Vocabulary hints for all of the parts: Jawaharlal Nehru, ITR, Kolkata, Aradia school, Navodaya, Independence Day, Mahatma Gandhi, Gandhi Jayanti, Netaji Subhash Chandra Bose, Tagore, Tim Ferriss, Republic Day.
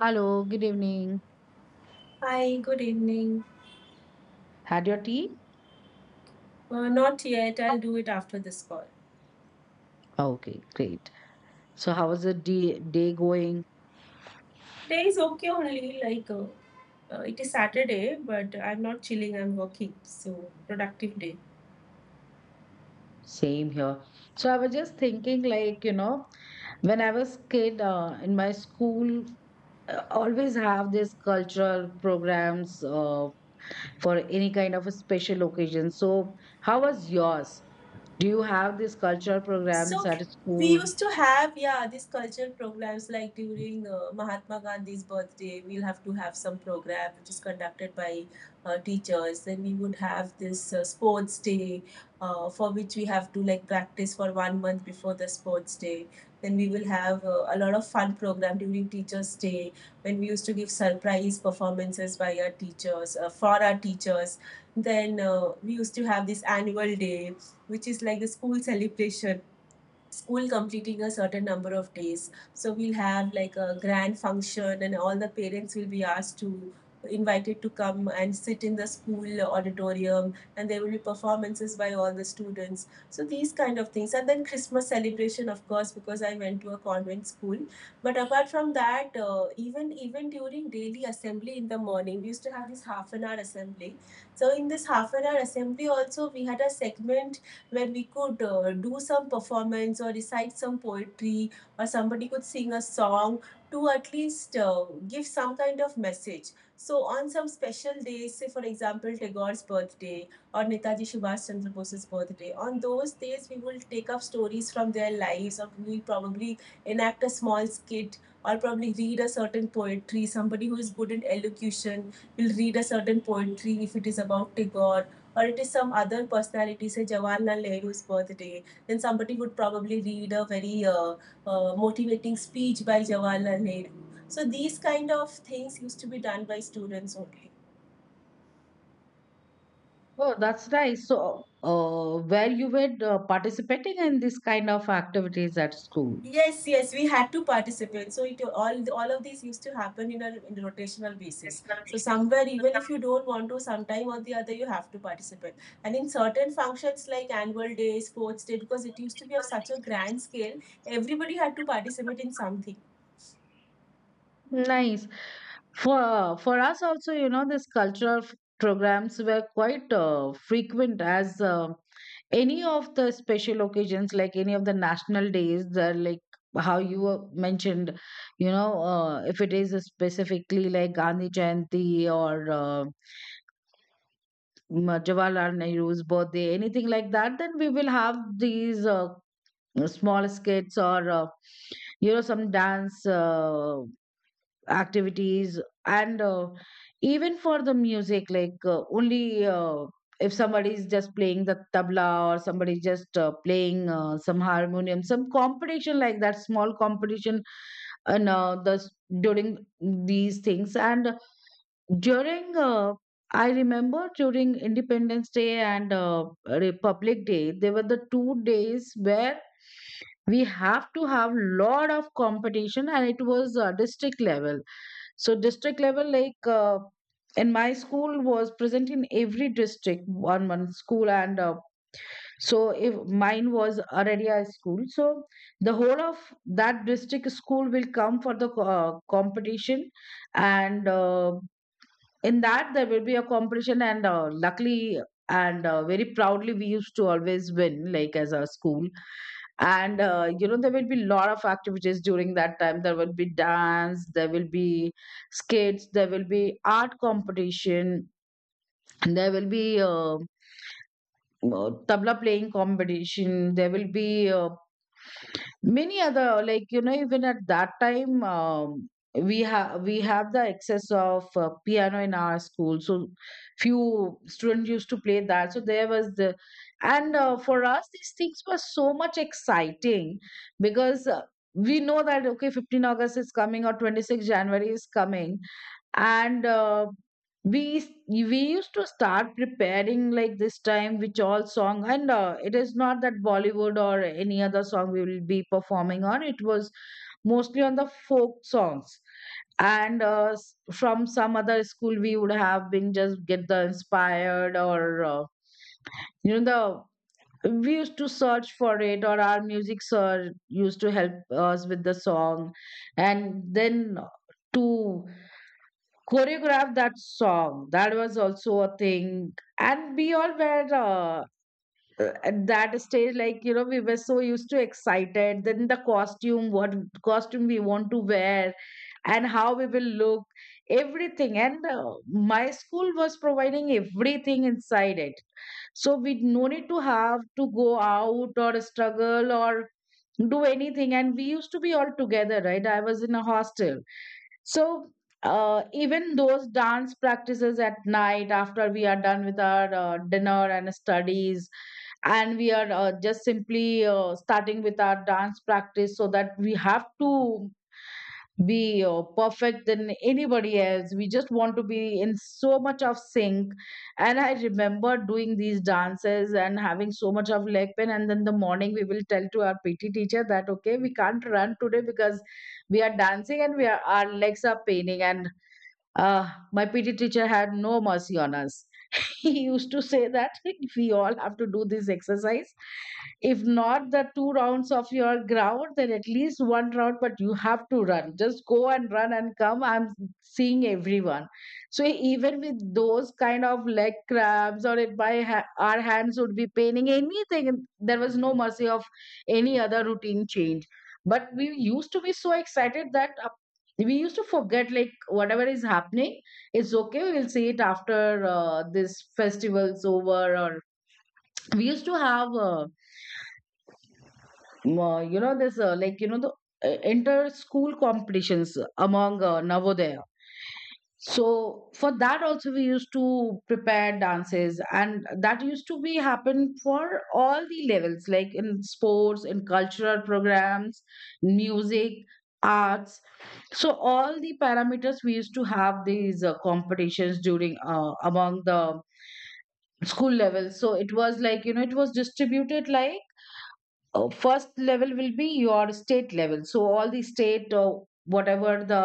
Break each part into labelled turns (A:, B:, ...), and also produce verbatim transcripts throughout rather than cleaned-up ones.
A: Hello, good evening.
B: Hi, good evening.
A: Had your tea?
B: Uh, not yet. I'll do it after this call.
A: Okay, great. So, how was the day, day going?
B: Day is okay only. Like uh, uh, it is Saturday, but I'm not chilling. I'm working. So productive day.
A: Same here. So, I was just thinking, like, you know, when I was kid uh, in my school, uh, always have this cultural programs uh, for any kind of a special occasion. So, how was yours? Do you have these cultural programs
B: So
A: at
B: we
A: school?
B: used to have, yeah, these cultural programs like during uh, Mahatma Gandhi's birthday, we'll have to have some program which is conducted by uh, teachers. Then we would have this uh, sports day uh, for which we have to like practice for one month before the sports day. Then we will have uh, a lot of fun program during Teachers' Day when we used to give surprise performances by our teachers, uh, for our teachers. Then uh, we used to have this annual day, which is like the school celebration school completing a certain number of days. So we'll have like a grand function, and all the parents will be asked to invited to come and sit in the school auditorium, and there will be performances by all the students, so these kind of things. And then Christmas celebration, of course, because I went to a convent school. But apart from that, uh, even even during daily assembly in the morning we used to have this half an hour assembly. So in this half an hour assembly also we had a segment where we could uh, do some performance or recite some poetry, or somebody could sing a song to at least uh, give some kind of message. So on some special days, say for example Tagore's birthday or Netaji Subhash Chandra Bose's birthday, on those days we will take up stories from their lives, or we will probably enact a small skit or probably read a certain poetry. Somebody who is good in elocution will read a certain poetry if it is about Tagore, or it is some other personality, say Jawaharlal Nehru's birthday, then somebody would probably read a very uh, uh, motivating speech by Jawaharlal Nehru. So these kind of things used to be done by students only.
A: Oh, that's nice. So, uh, where you were uh, participating in this kind of activities at school?
B: Yes, yes, we had to participate. So it all all of these used to happen in a, in a rotational basis. So somewhere, even if you don't want to, sometime or the other, you have to participate. And in certain functions like annual day, sports day, because it used to be of such a grand scale, everybody had to participate in something.
A: Nice. For for us also, you know, these cultural f- programs were quite uh, frequent as uh, any of the special occasions, like any of the national days, the, like how you uh, mentioned, you know, uh, if it is specifically like Gandhi Jayanti or uh, Ma- Jawaharlal Nehru's birthday, anything like that, then we will have these uh, small skits or uh, you know some dance. Uh, activities, and uh, even for the music like uh, only uh, if somebody is just playing the tabla or somebody just uh, playing uh, some harmonium, some competition like that, small competition. And uh, the s- during these things, and during uh, I remember during Independence Day and uh, Republic Day, they were the two days where we have to have lot of competition, and it was uh, district level. So district level, like uh, in my school was present in every district, one one school. And uh, so if mine was Aradia school, so the whole of that district school will come for the co- uh, competition. And uh, in that there will be a competition, and uh, luckily and uh, very proudly we used to always win, like, as a school. And uh, you know, there will be lot of activities during that time. There will be dance, there will be skates, there will be art competition, and there will be uh, uh, tabla playing competition. There will be uh, many other, like, you know, even at that time, um, we have we have the excess of uh, piano in our school, so few students used to play that. So there was the, and uh, for us these things were so much exciting, because uh, we know that okay, fifteenth august is coming or twenty-sixth january is coming. And uh, we s- we used to start preparing, like, this time which all song. And uh, it is not that bollywood or any other song we will be performing on. It was mostly on the folk songs. And uh, s- from some other school we would have been just get the inspired, or uh, you know, the we used to search for it, or our music sir used to help us with the song. And then uh, to choreograph that song. That was also a thing. And we all were uh, uh, at that stage, like, you know, we were so used to excited. Then the costume, what costume we want to wear, and how we will look, everything. And uh, my school was providing everything inside it. So we no need to have to go out or struggle or do anything. And we used to be all together, right? I was in a hostel. So uh, even those dance practices at night, after we are done with our uh, dinner and studies, and we are uh, just simply uh, starting with our dance practice, so that we have to be uh, perfect than anybody else. We just want to be in so much of sync. And I remember doing these dances and having so much of leg pain. And then the morning we will tell to our P T teacher that okay, we can't run today because we are dancing, and we are our legs are paining. And uh, my P T teacher had no mercy on us. He used to say that we all have to do this exercise. If not the two rounds of your ground, then at least one round, but you have to run. Just go and run and come. I'm seeing everyone. So even with those kind of leg cramps, or it my ha- our hands would be paining, anything, and there was no mercy of any other routine change. But we used to be so excited that uh, we used to forget, like, whatever is happening, it's okay. We'll see it after uh, this festival's over. Or we used to have, uh, m- uh, you know, this uh, like, you know, the uh, inter school competitions among uh, Navodaya. So for that also we used to prepare dances, and that used to be happen for all the levels, like in sports, in cultural programs, music, arts. So all the parameters we used to have these uh, competitions during uh, among the school level. So it was, like, you know, it was distributed, like uh, first level will be your state level. So all the state, or whatever the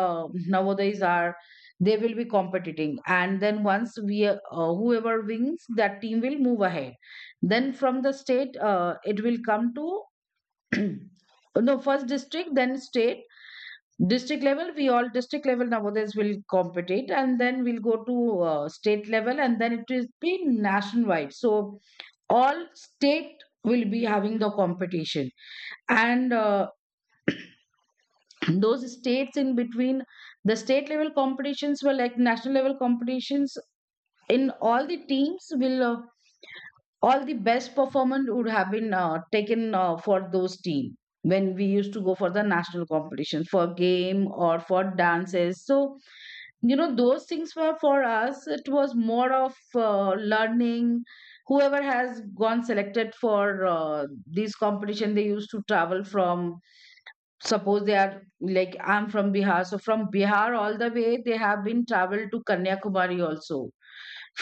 A: navodayas are, they will be competing. And then once we uh, whoever wins, that team will move ahead. Then from the state, uh, it will come to no, first district, then state. District level, we all district level nowadays will compete, and then we'll go to uh, state level, and then it will be nationwide. So all state will be having the competition. And uh, those states, in between the state level competitions, were like national level competitions. In all, the teams will uh, all the best performance would have been uh, taken uh, for those team when we used to go for the national competition for game or for dances. So, you know, those things were, for us it was more of uh, learning. Whoever has gone selected for uh, these competition, they used to travel from, suppose they are, like, I'm from Bihar, so from Bihar all the way they have been traveled to Kanyakumari also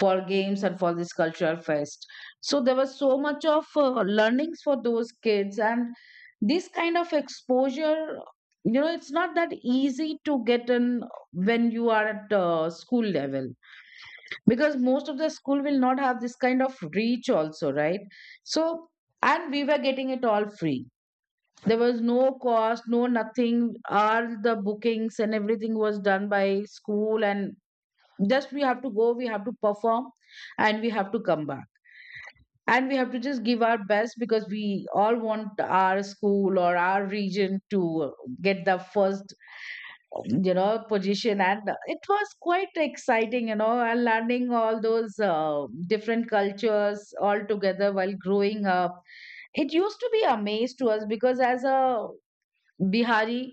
A: for games and for this cultural fest. So there was so much of uh, learnings for those kids, and this kind of exposure, you know, it's not that easy to get in when you are at uh, school level, because most of the school will not have this kind of reach also, right? So, and we were getting it all free. There was no cost, no nothing. All the bookings and everything was done by school, and just we have to go, we have to perform, and we have to come back, and we have to just give our best, because we all want our school or our region to get the first, you know, position. And it was quite exciting, you know, and learning all those uh, different cultures all together while growing up. It used to be a maze to us, because as a Bihari,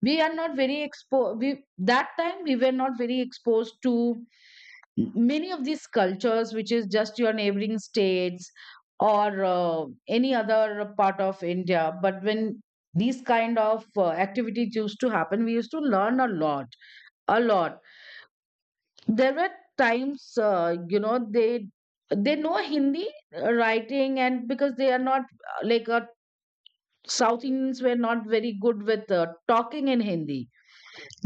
A: we are not very exposed. We, that time, we were not very exposed to many of these cultures which is just your neighboring states, or uh, any other part of India. But when these kind of uh, activities used to happen, we used to learn a lot, a lot. There were times, uh, you know, they they know Hindi uh, writing, and because they are not uh, like uh, south Indians were not very good with uh, talking in Hindi.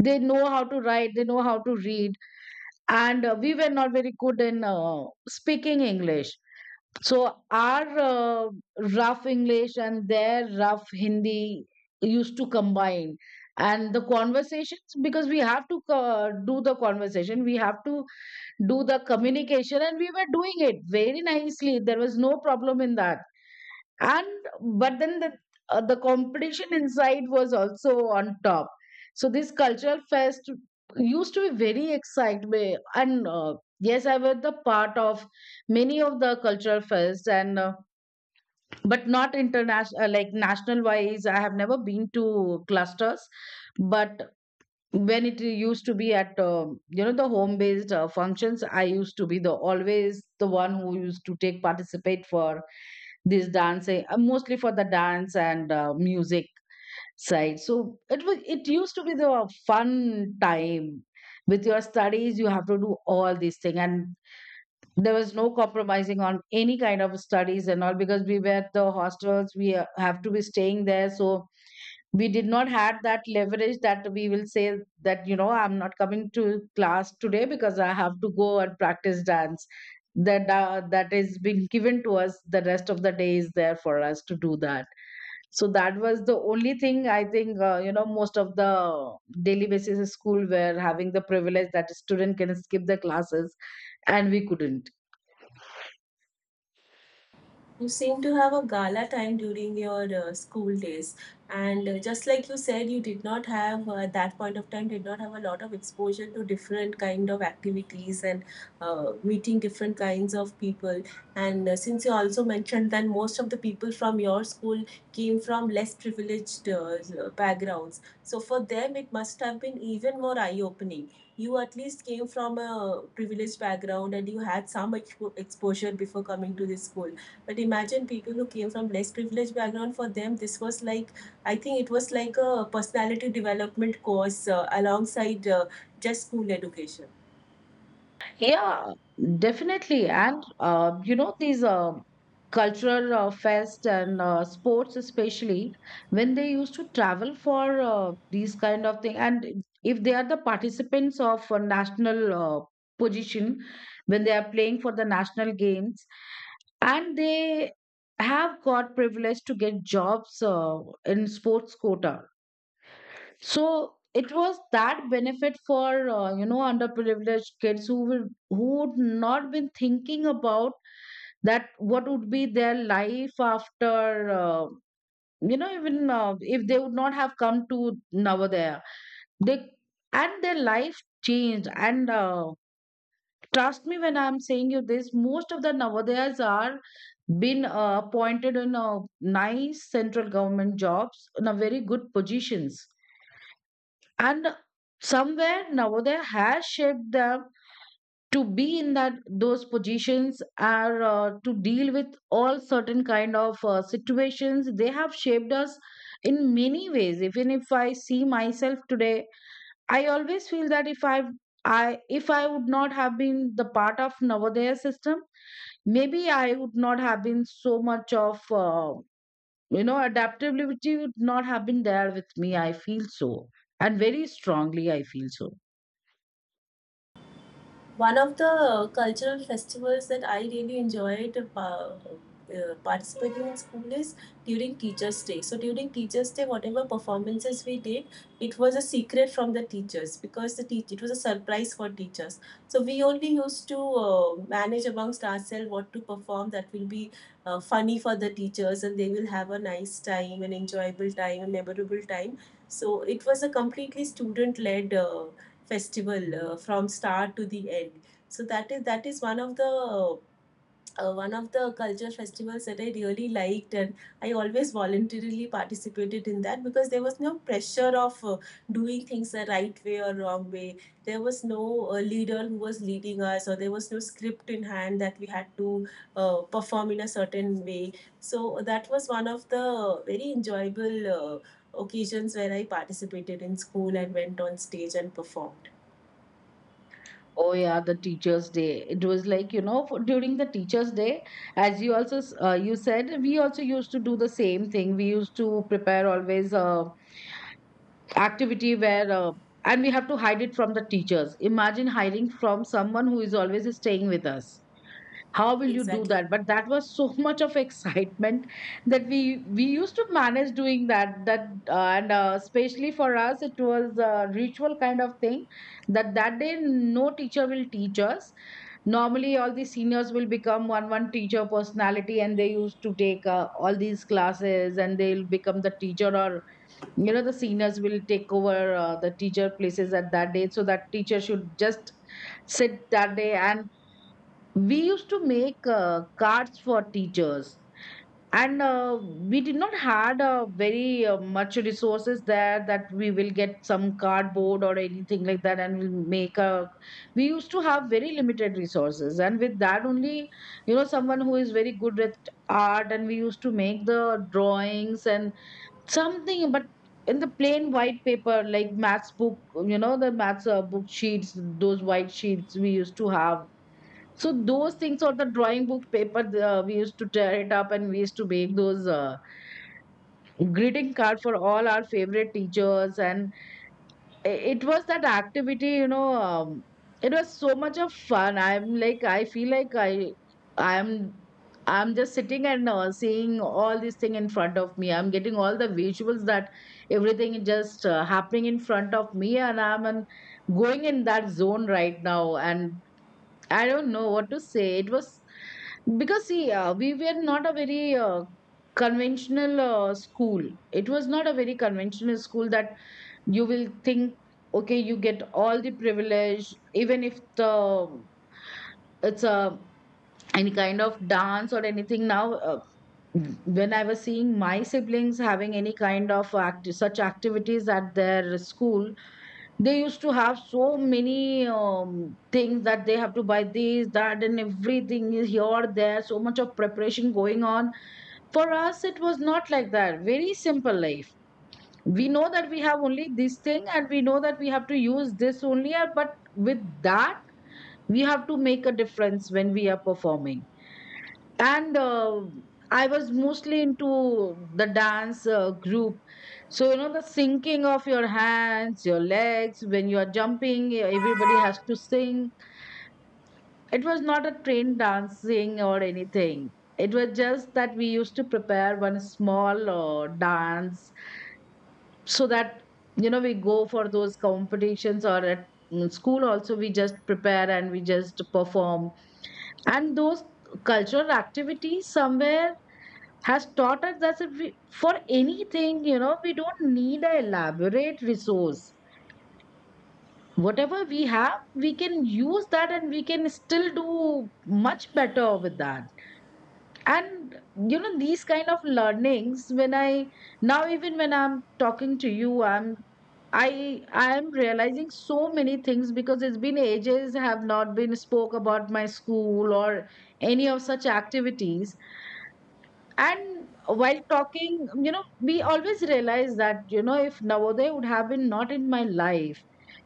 A: They know how to write, they know how to read. And uh, we were not very good in uh, speaking English. So our uh, rough English and their rough Hindi used to combine, and the conversations, because we have to uh, do the conversation, we have to do the communication, and we were doing it very nicely. There was no problem in that. And but then the uh, the competition inside was also on top. So this cultural fest used to be very exciting. And uh, yes, I was the part of many of the cultural fest. And uh, but not international, uh, like national wise I have never been to clusters. But when it used to be at, um you know, the home based uh, functions, I used to be the always the one who used to take participate for this dancing, uh, mostly for the dance and uh, music side. So it was, it used to be the fun time. With your studies, you have to do all these things. And there was no compromising on any kind of studies and all, because we were at the hostels, we uh, have to be staying there. So we did not had that leverage that we will say that, you know, I'm not coming to class today because I have to go and practice dance. That uh, that is being given to us, the rest of the day is there for us to do that. So that was the only thing, I think, uh, you know, most of the daily basis school were having the privilege that student can skip the classes, and we couldn't.
B: You seem to have a gala time during your uh, school days, and uh, just like you said, you did not have uh, at that point of time did not have a lot of exposure to different kind of activities and uh, meeting different kinds of people. And uh, since you also mentioned that most of the people from your school came from less privileged uh, backgrounds, so for them it must have been even more eye-opening. You at least came from a privileged background, and you had some expo- exposure before coming to this school, but imagine people who came from less privileged background. For them, this was like I think it was like a personality development course uh, alongside uh, just school education.
A: Yeah, definitely. And, uh, you know, these uh, cultural uh, fest and uh, sports, especially when they used to travel for uh, these kind of thing, and if they are the participants of a national uh, position, when they are playing for the national games, and they have got privilege to get jobs uh, in sports quota. So it was that benefit for uh, you know, underprivileged kids who will who would not been thinking about that, what would be their life after, uh, you know, even uh, if they would not have come to Navodaya, they and their life changed. And uh, trust me, when I'm saying you this, most of the Navodayas are been uh, appointed in uh, nice central government jobs in a very good positions. And somewhere Navodaya has shaped them to be in that, those positions are uh, to deal with all certain kind of uh, situations. They have shaped us in many ways. Even if I see myself today, I always feel that if i i if I would not have been the part of Navodaya system, maybe I would not have been so much of, uh, you know, adaptability would not have been there with me. I feel so, and very strongly I feel so.
B: One of the cultural festivals that I really enjoyed uh, uh, participating in school is during Teachers' Day. So during Teachers' Day, whatever performances we did, it was a secret from the teachers because the teach it was a surprise for teachers. So we only used to uh, manage amongst ourselves what to perform that will be uh, funny for the teachers, and they will have a nice time, an enjoyable time, a memorable time. So it was a completely student-led uh, festival uh, from start to the end. So that is that is one of the uh, one of the culture festivals that I really liked, and I always voluntarily participated in that because there was no pressure of uh, doing things the right way or wrong way. There was no uh, leader who was leading us, or there was no script in hand that we had to uh, perform in a certain way. So that was one of the very enjoyable uh, occasions where I participated in school and went on stage and performed.
A: Oh yeah, the Teachers' Day. It was like, you know, for, during the Teachers' Day, as you also s- uh, you said, we also used to do the same thing. We used to prepare always a activity where, uh, and we have to hide it from the teachers. Imagine hiding from someone who is always staying with us. How will you do
B: Exactly.
A: that? But that was so much of excitement that we we used to manage doing that. That uh, and uh, Especially for us, it was a ritual kind of thing. That that day, no teacher will teach us. Normally, all the seniors will become one one teacher personality, and they used to take uh, all these classes, and they'll become the teacher. Or you know, the seniors will take over uh, the teacher places at that day. So that teacher should just sit that day, and we used to make uh, cards for teachers. And uh, we did not had uh, very uh, much resources there, that we will get some cardboard or anything like that and we'll make a we used to have very limited resources, and with that only, you know, someone who is very good at art, and we used to make the drawings and something, but in the plain white paper, like maths book, you know, the maths uh, book sheets, those white sheets we used to have. So those things or the drawing book paper, uh, we used to tear it up, and we used to make those uh, greeting card for all our favorite teachers. And i- it was that activity, you know, um, it was so much of fun. I'm like, I feel like I, I'm, I'm just sitting and uh, seeing all this thing in front of me. I'm getting all the visuals, that everything is just uh, happening in front of me, and I'm an, going in that zone right now. And I don't know what to say. It was, because see, uh, we were not a very uh, conventional uh, school. It was not a very conventional school that you will think, okay, you get all the privilege, even if the it's a any kind of dance or anything. Now, uh, when I was seeing my siblings having any kind of act- such activities at their school, they used to have so many um, things, that they have to buy this that, and everything is here there, so much of preparation going on. For us, it was not like that. Very simple life. We know that we have only this thing, and we know that we have to use this only, uh, but with that we have to make a difference when we are performing. And uh, I was mostly into the dance uh, group. So you know, the syncing of your hands, your legs, when you are jumping, e, everybody has to sing. It was not a trained dancing or anything. It was just that we used to prepare one small uh, dance, so that, you know, we go for those competitions or at mm, school also, we just prepare and we just perform. And those cultural activities somewhere has taught us that if we, for anything, you know, we don't need an elaborate resource. Whatever we have, we can use that, and we can still do much better with that. And, you know, these kind of learnings, when I, now even when I'm talking to you, I'm, I I am realizing so many things, because it's been ages I have not been spoke about my school or any of such activities. And while talking, you know, we always realize that, you know, if Navodaya would have been not in my life,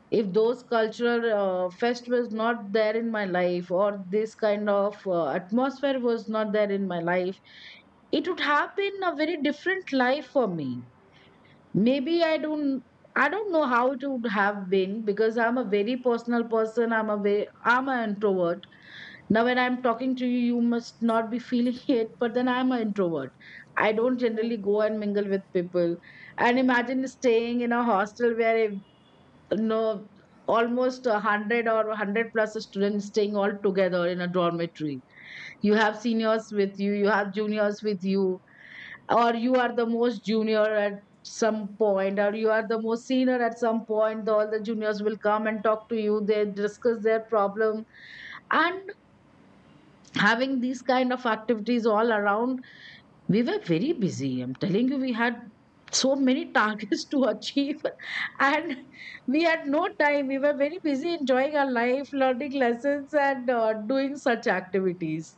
A: if those cultural uh, fest was not there in my life, or this kind of uh, atmosphere was not there in my life, it would have been a very different life for me. Maybe I don't. I don't know how it would have been, because I'm a very personal person. I'm a very, I'm an introvert. Now, when I'm talking to you, you must not be feeling it, but then I'm an introvert. I don't
B: Yeah.
A: generally go and mingle with people. And imagine staying in a hostel where, you know, almost a one hundred or one hundred plus students staying all together in a dormitory. You have seniors with you, you have juniors with you, or you are the most junior at some point, or you are the most senior at some point. All the juniors will come and talk to you, they discuss their problem. And having these kind of activities all around, we were very busy. I'm telling you, we had so many targets to achieve. And we had no time. We were very busy enjoying our life, learning lessons, and uh, doing such activities.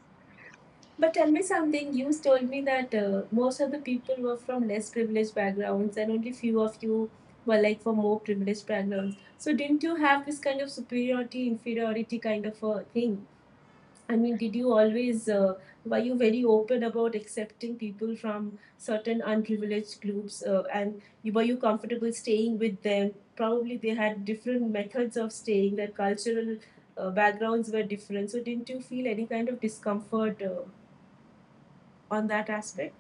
B: But tell me something. You told me that uh, most of the people were from less privileged backgrounds, and only few of you were like from more privileged backgrounds. So didn't you have this kind of superiority, inferiority kind of a thing? I mean, did you always, uh, were you very open about accepting people from certain unprivileged groups uh, and you, were you comfortable staying with them? Probably they had different methods of staying, their cultural uh, backgrounds were different. So, didn't you feel any kind of discomfort uh, on that aspect?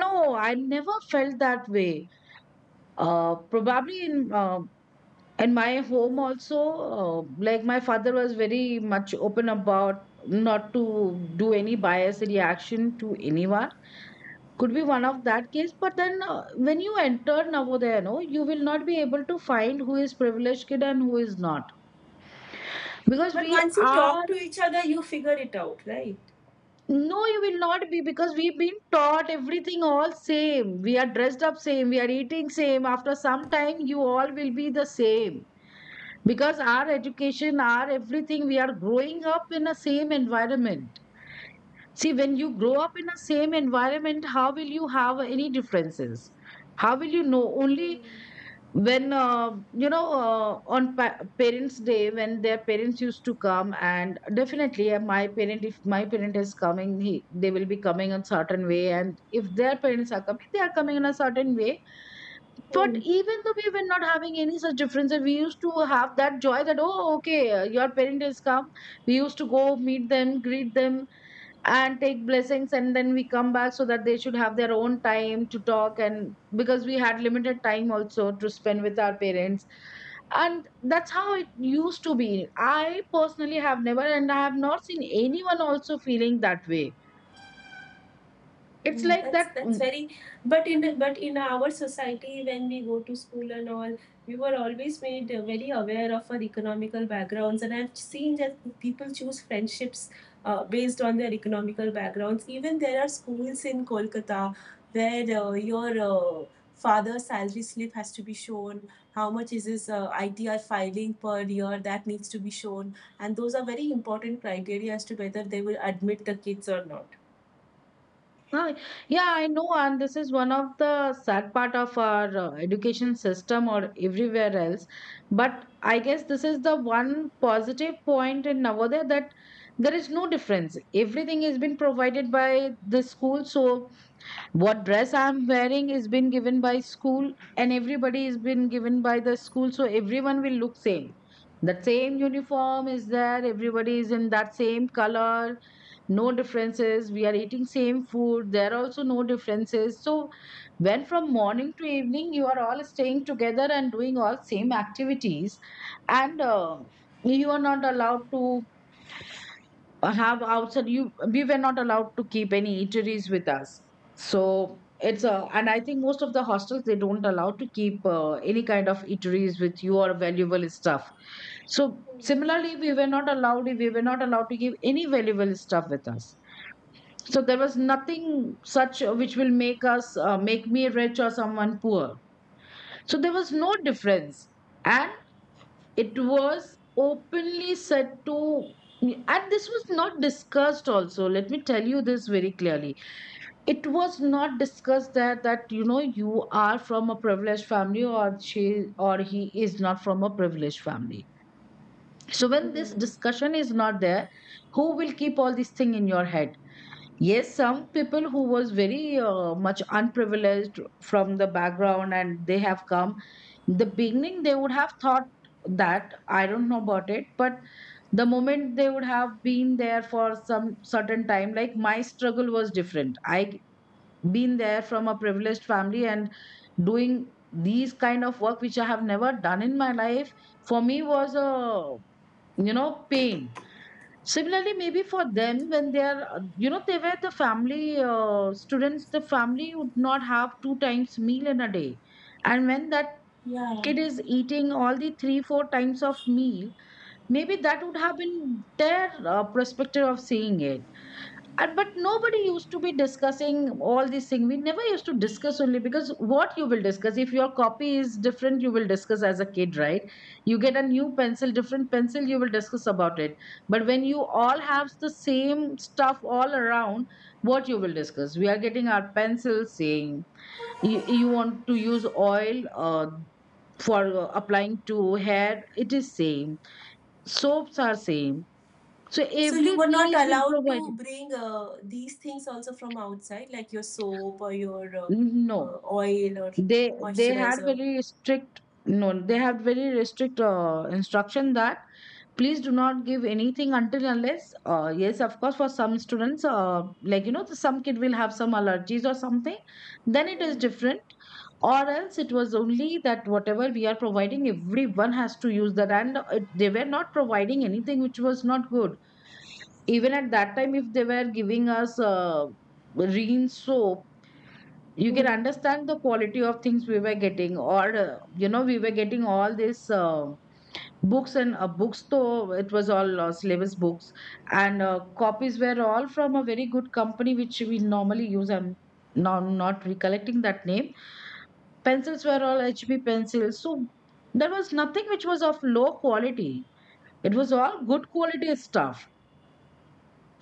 A: No, I never felt that way. Uh, probably in uh, in my home also, uh, like, my father was very much open about not to do any biased reaction to anyone. Could be one of that case, but then uh, when you enter Navodaya, no, you will not be able to find who is privileged kid and who is not, because
B: But
A: we
B: once you
A: are
B: talk to each other, you figure it out, right?
A: no, you will not be, because we've been taught everything all same. We are dressed up same, we are eating same. After some time, you all will be the same, because our education, our everything, we are growing up in a same environment. See, when you grow up in a same environment, how will you have any differences? How will you know? Only when, uh, you know, uh, on pa- parents day, when their parents used to come, and definitely uh, my parent, if my parent is coming, he, they will be coming a certain way, and if their parents are coming, they are coming in a certain way. But
B: Hmm.
A: even though, we were not having any such differences. We used to have that joy, that oh okay, uh, your parent is come, we used to go meet them, greet them, and take blessings, and then we come back, so that they should have their own time to talk, and because we had limited time also to spend with our parents. And that's how it used to be. I personally have never, and I have not seen anyone also feeling that way. It's
B: Mm,
A: like
B: that's
A: that.
B: that's
A: mm,
B: very but in the, but in our society when we go to school and all, we were always made uh, very aware of our economical backgrounds, and I've seen that people choose friendships uh, based on their economical backgrounds. Even there are schools in Kolkata where uh, your uh, father's salary slip has to be shown, how much is his uh, I T R filing per year that needs to be shown, and those are very important criteria as to whether they will admit the kids or not.
A: Ah, yeah, I know, and this is one of the sad part of our uh, education system or everywhere else. But I guess this is the one positive point in Navodaya, that there is no difference. Everything is been provided by the school. So what dress I'm wearing is been given by school, and everybody is been given by the school. So everyone will look same. The same uniform is there. Everybody is in that same color, no differences. We are eating same food, there are also no differences. So when from morning to evening you are all staying together and doing all same activities, and uh, you are not allowed to have outside you we were not allowed to keep any eateries with us. So it's a, and I think most of the hostels, they don't allow to keep uh, any kind of eateries with you or valuable stuff. So similarly, we were not allowed we were not allowed to give any valuable stuff with us. So there was nothing such, uh, which will make us uh, make me rich or someone poor. So there was no difference. And it was openly said to, and this was not discussed also, let me tell you this very clearly. It was not discussed that that you know, you are from a privileged family, or she or he is not from a privileged family. So when this
B: Mm.
A: discussion is not there, who will keep all these thing in your head? Yes, some people who was very uh, much unprivileged from the background and they have come, the beginning they would have thought that I don't know about it. But the moment they would have been there for some certain time, like my struggle was different. I been there from a privileged family and doing these kind of work which I have never done in my life, for me was a, you know, pain. Similarly, maybe for them, when they are, uh, you know, they were the family uh, students, the family would not have two times meal in a day. And when that
B: Yeah.
A: kid is eating all the three, four times of meal, maybe that would have been their uh, perspective of seeing it. And but nobody used to be discussing all these things. We never used to discuss, only because what you will discuss? If your copy is different, you will discuss as a kid, right? You get a new pencil, different pencil, you will discuss about it. But when you all have the same stuff all around, what you will discuss? We are getting our pencils saying, you, you want to use oil uh, for uh, applying to hair, it is same. Soaps are same. So
B: So you were
A: everything
B: not
A: is been
B: allowed to
A: provided.
B: bring uh, these things also from outside, like your soap or your uh, uh,
A: No,
B: oil or
A: they they had
B: moisturizer.
A: very strict, no, they had very restrict uh, instruction that please do not give anything until unless. Uh, yes, of course, for some students, uh, like you know, some kid will have some allergies or something, then it is
B: Mm,
A: different. Or else it was only that whatever we are providing, everyone has to use that. And uh, it, they were not providing anything which was not good. Even at that time, if they were giving us uh, rein soap, you can
B: mm,
A: understand the quality of things we were getting. Or uh, you know, we were getting all these uh, books and uh, books, though it was all uh, syllabus books. And uh, copies were all from a very good company which we normally use. I'm now not recollecting that name. Pencils were all H P pencils. So there was nothing which was of low quality. It was all good quality stuff.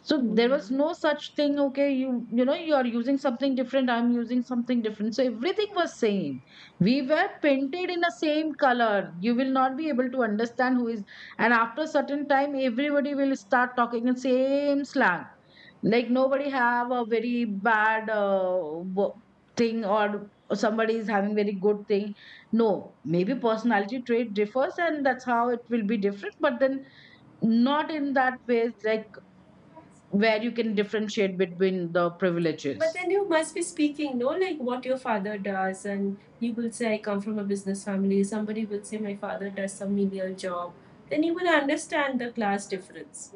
A: So there was
B: mm.
A: no such thing. Okay, you you know, you are using something different, I'm using something different. So everything was same. We were painted in the same color. You will not be able to understand who is. And after a certain time, everybody will start talking in same slang. Like nobody have a very bad uh, wo- thing or somebody is having very good thing. No, maybe personality trait differs and that's how it will be different, but then not in that way, like where you can differentiate between the
B: But
A: privileges.
B: then you must be speaking, no, like what your father does, and you will say, I come from a business family. Somebody will say, My father does some menial job. Then you will understand the class difference.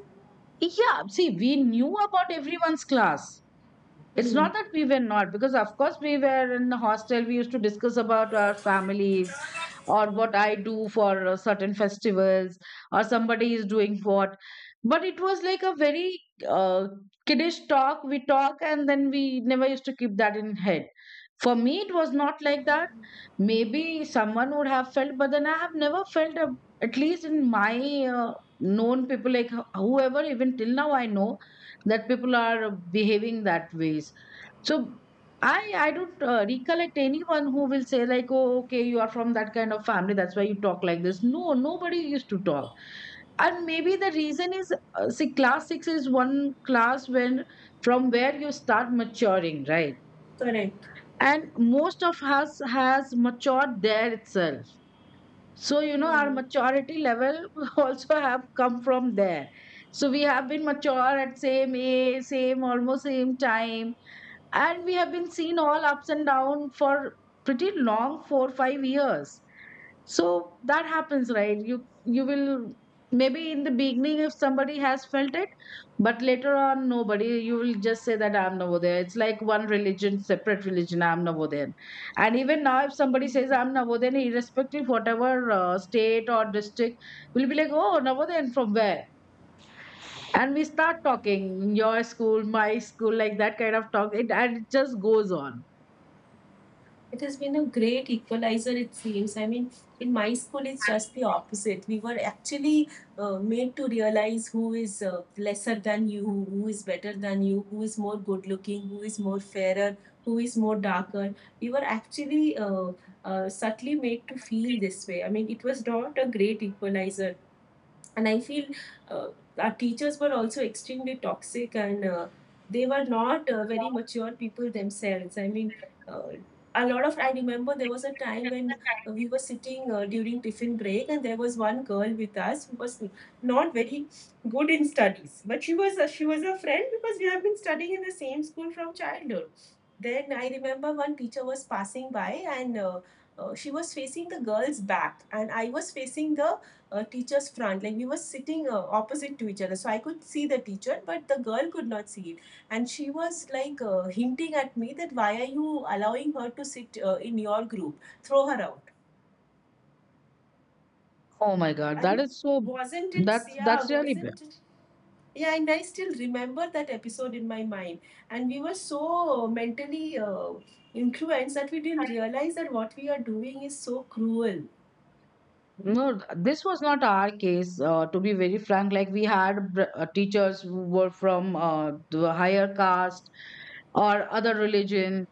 A: Yeah, see, we knew about everyone's class. It's
B: Mm.
A: not that we were not, because of course we were in the hostel. We used to discuss about our families, or what I do for uh, certain festivals, or somebody is doing what. But it was like a very uh, kiddish talk. We talk and then we never used to keep that in head. For me, it was not like that. Maybe someone would have felt, but then I have never felt, a, at least in my uh, known people, like wh- whoever, even till now I know that people are behaving that ways. So I I don't uh, recollect anyone who will say like, oh, okay, you are from that kind of family, that's why you talk like this. No, nobody used to talk. And maybe the reason is, uh, see, class six is one class when from where you start maturing, right?
B: Correct.
A: And most of us has matured there itself. So you know, our
B: Mm.
A: maturity level also have come from there. So we have been mature at same age, same, almost same time, and we have been seen all ups and down for pretty long four five years. So that happens, right? you you will, maybe in the beginning, if somebody has felt it, but later on, nobody. You will just say that I'm Navodaya. It's like one religion, separate religion, I'm Navodayan. And even now if somebody says I'm Navodayan, irrespective whatever uh, state or district, we'll be like, oh, Navodayan from where? And we start talking your school, my school, like that kind of talk it, and it just goes on.
B: It has been a great equalizer, it seems. I mean, in my school, it's just the opposite. We were actually uh, made to realize who is uh, lesser than you, who is better than you, who is more good looking, who is more fairer, who is more darker. We were actually uh, uh, subtly made to feel this way. I mean, it was not a great equalizer, and I feel uh, our teachers were also extremely toxic, and uh, they were not uh, very mature people themselves. I mean, uh, a lot of I remember there was a time when uh, we were sitting uh, during tiffin break, and there was one girl with us who was not very good in studies, but she was a, she was a friend because we have been studying in the same school from childhood. Then I remember one teacher was passing by, and uh, uh, she was facing the girl's back and I was facing the uh, teacher's front, like we were sitting uh, opposite to each other, so I could see the teacher but the girl could not see it. And she was like uh, hinting at me that why are you allowing her to sit uh, in your group, throw her out.
A: Oh my God,
B: I
A: that
B: mean,
A: is so.
B: wasn't it?
A: That's
B: Yeah,
A: that's really bad.
B: wasn't it? Yeah, and I still remember that episode in my mind, and we were so mentally uh, influenced that we didn't realize that what we are doing is so cruel.
A: No, th- this was not our case. Uh, to be very frank, like we had br- uh, teachers who were from uh, the higher caste or other religion.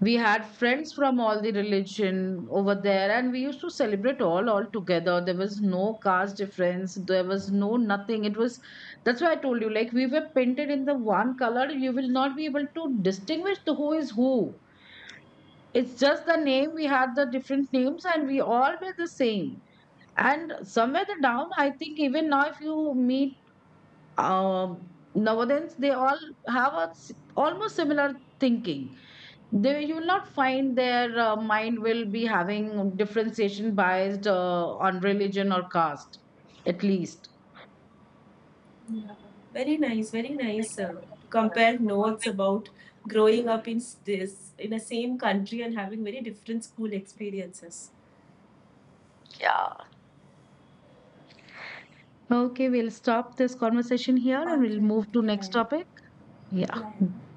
A: We had friends from all the religion over there, and we used to celebrate all all together. There was no caste difference. There was no nothing. It was, that's why I told you, like we were painted in the one color. You will not be able to distinguish the who is who. It's just the name, we had the different names and we all were the same. And somewhere the down, I think even now if you meet um, nowadays they all have a s- almost similar thinking. They, you will not find their uh, mind will be having differentiation biased uh, on religion or caste, at least.
B: Yeah, very nice, very nice. Uh, compare notes about growing up in s- this in the same country and having very different school experiences.
A: Yeah. Okay, we'll stop this conversation here
B: All
A: and we'll
B: right.
A: move to
B: Yeah,
A: next
B: yeah,
A: topic. Yeah.
B: yeah. Yeah.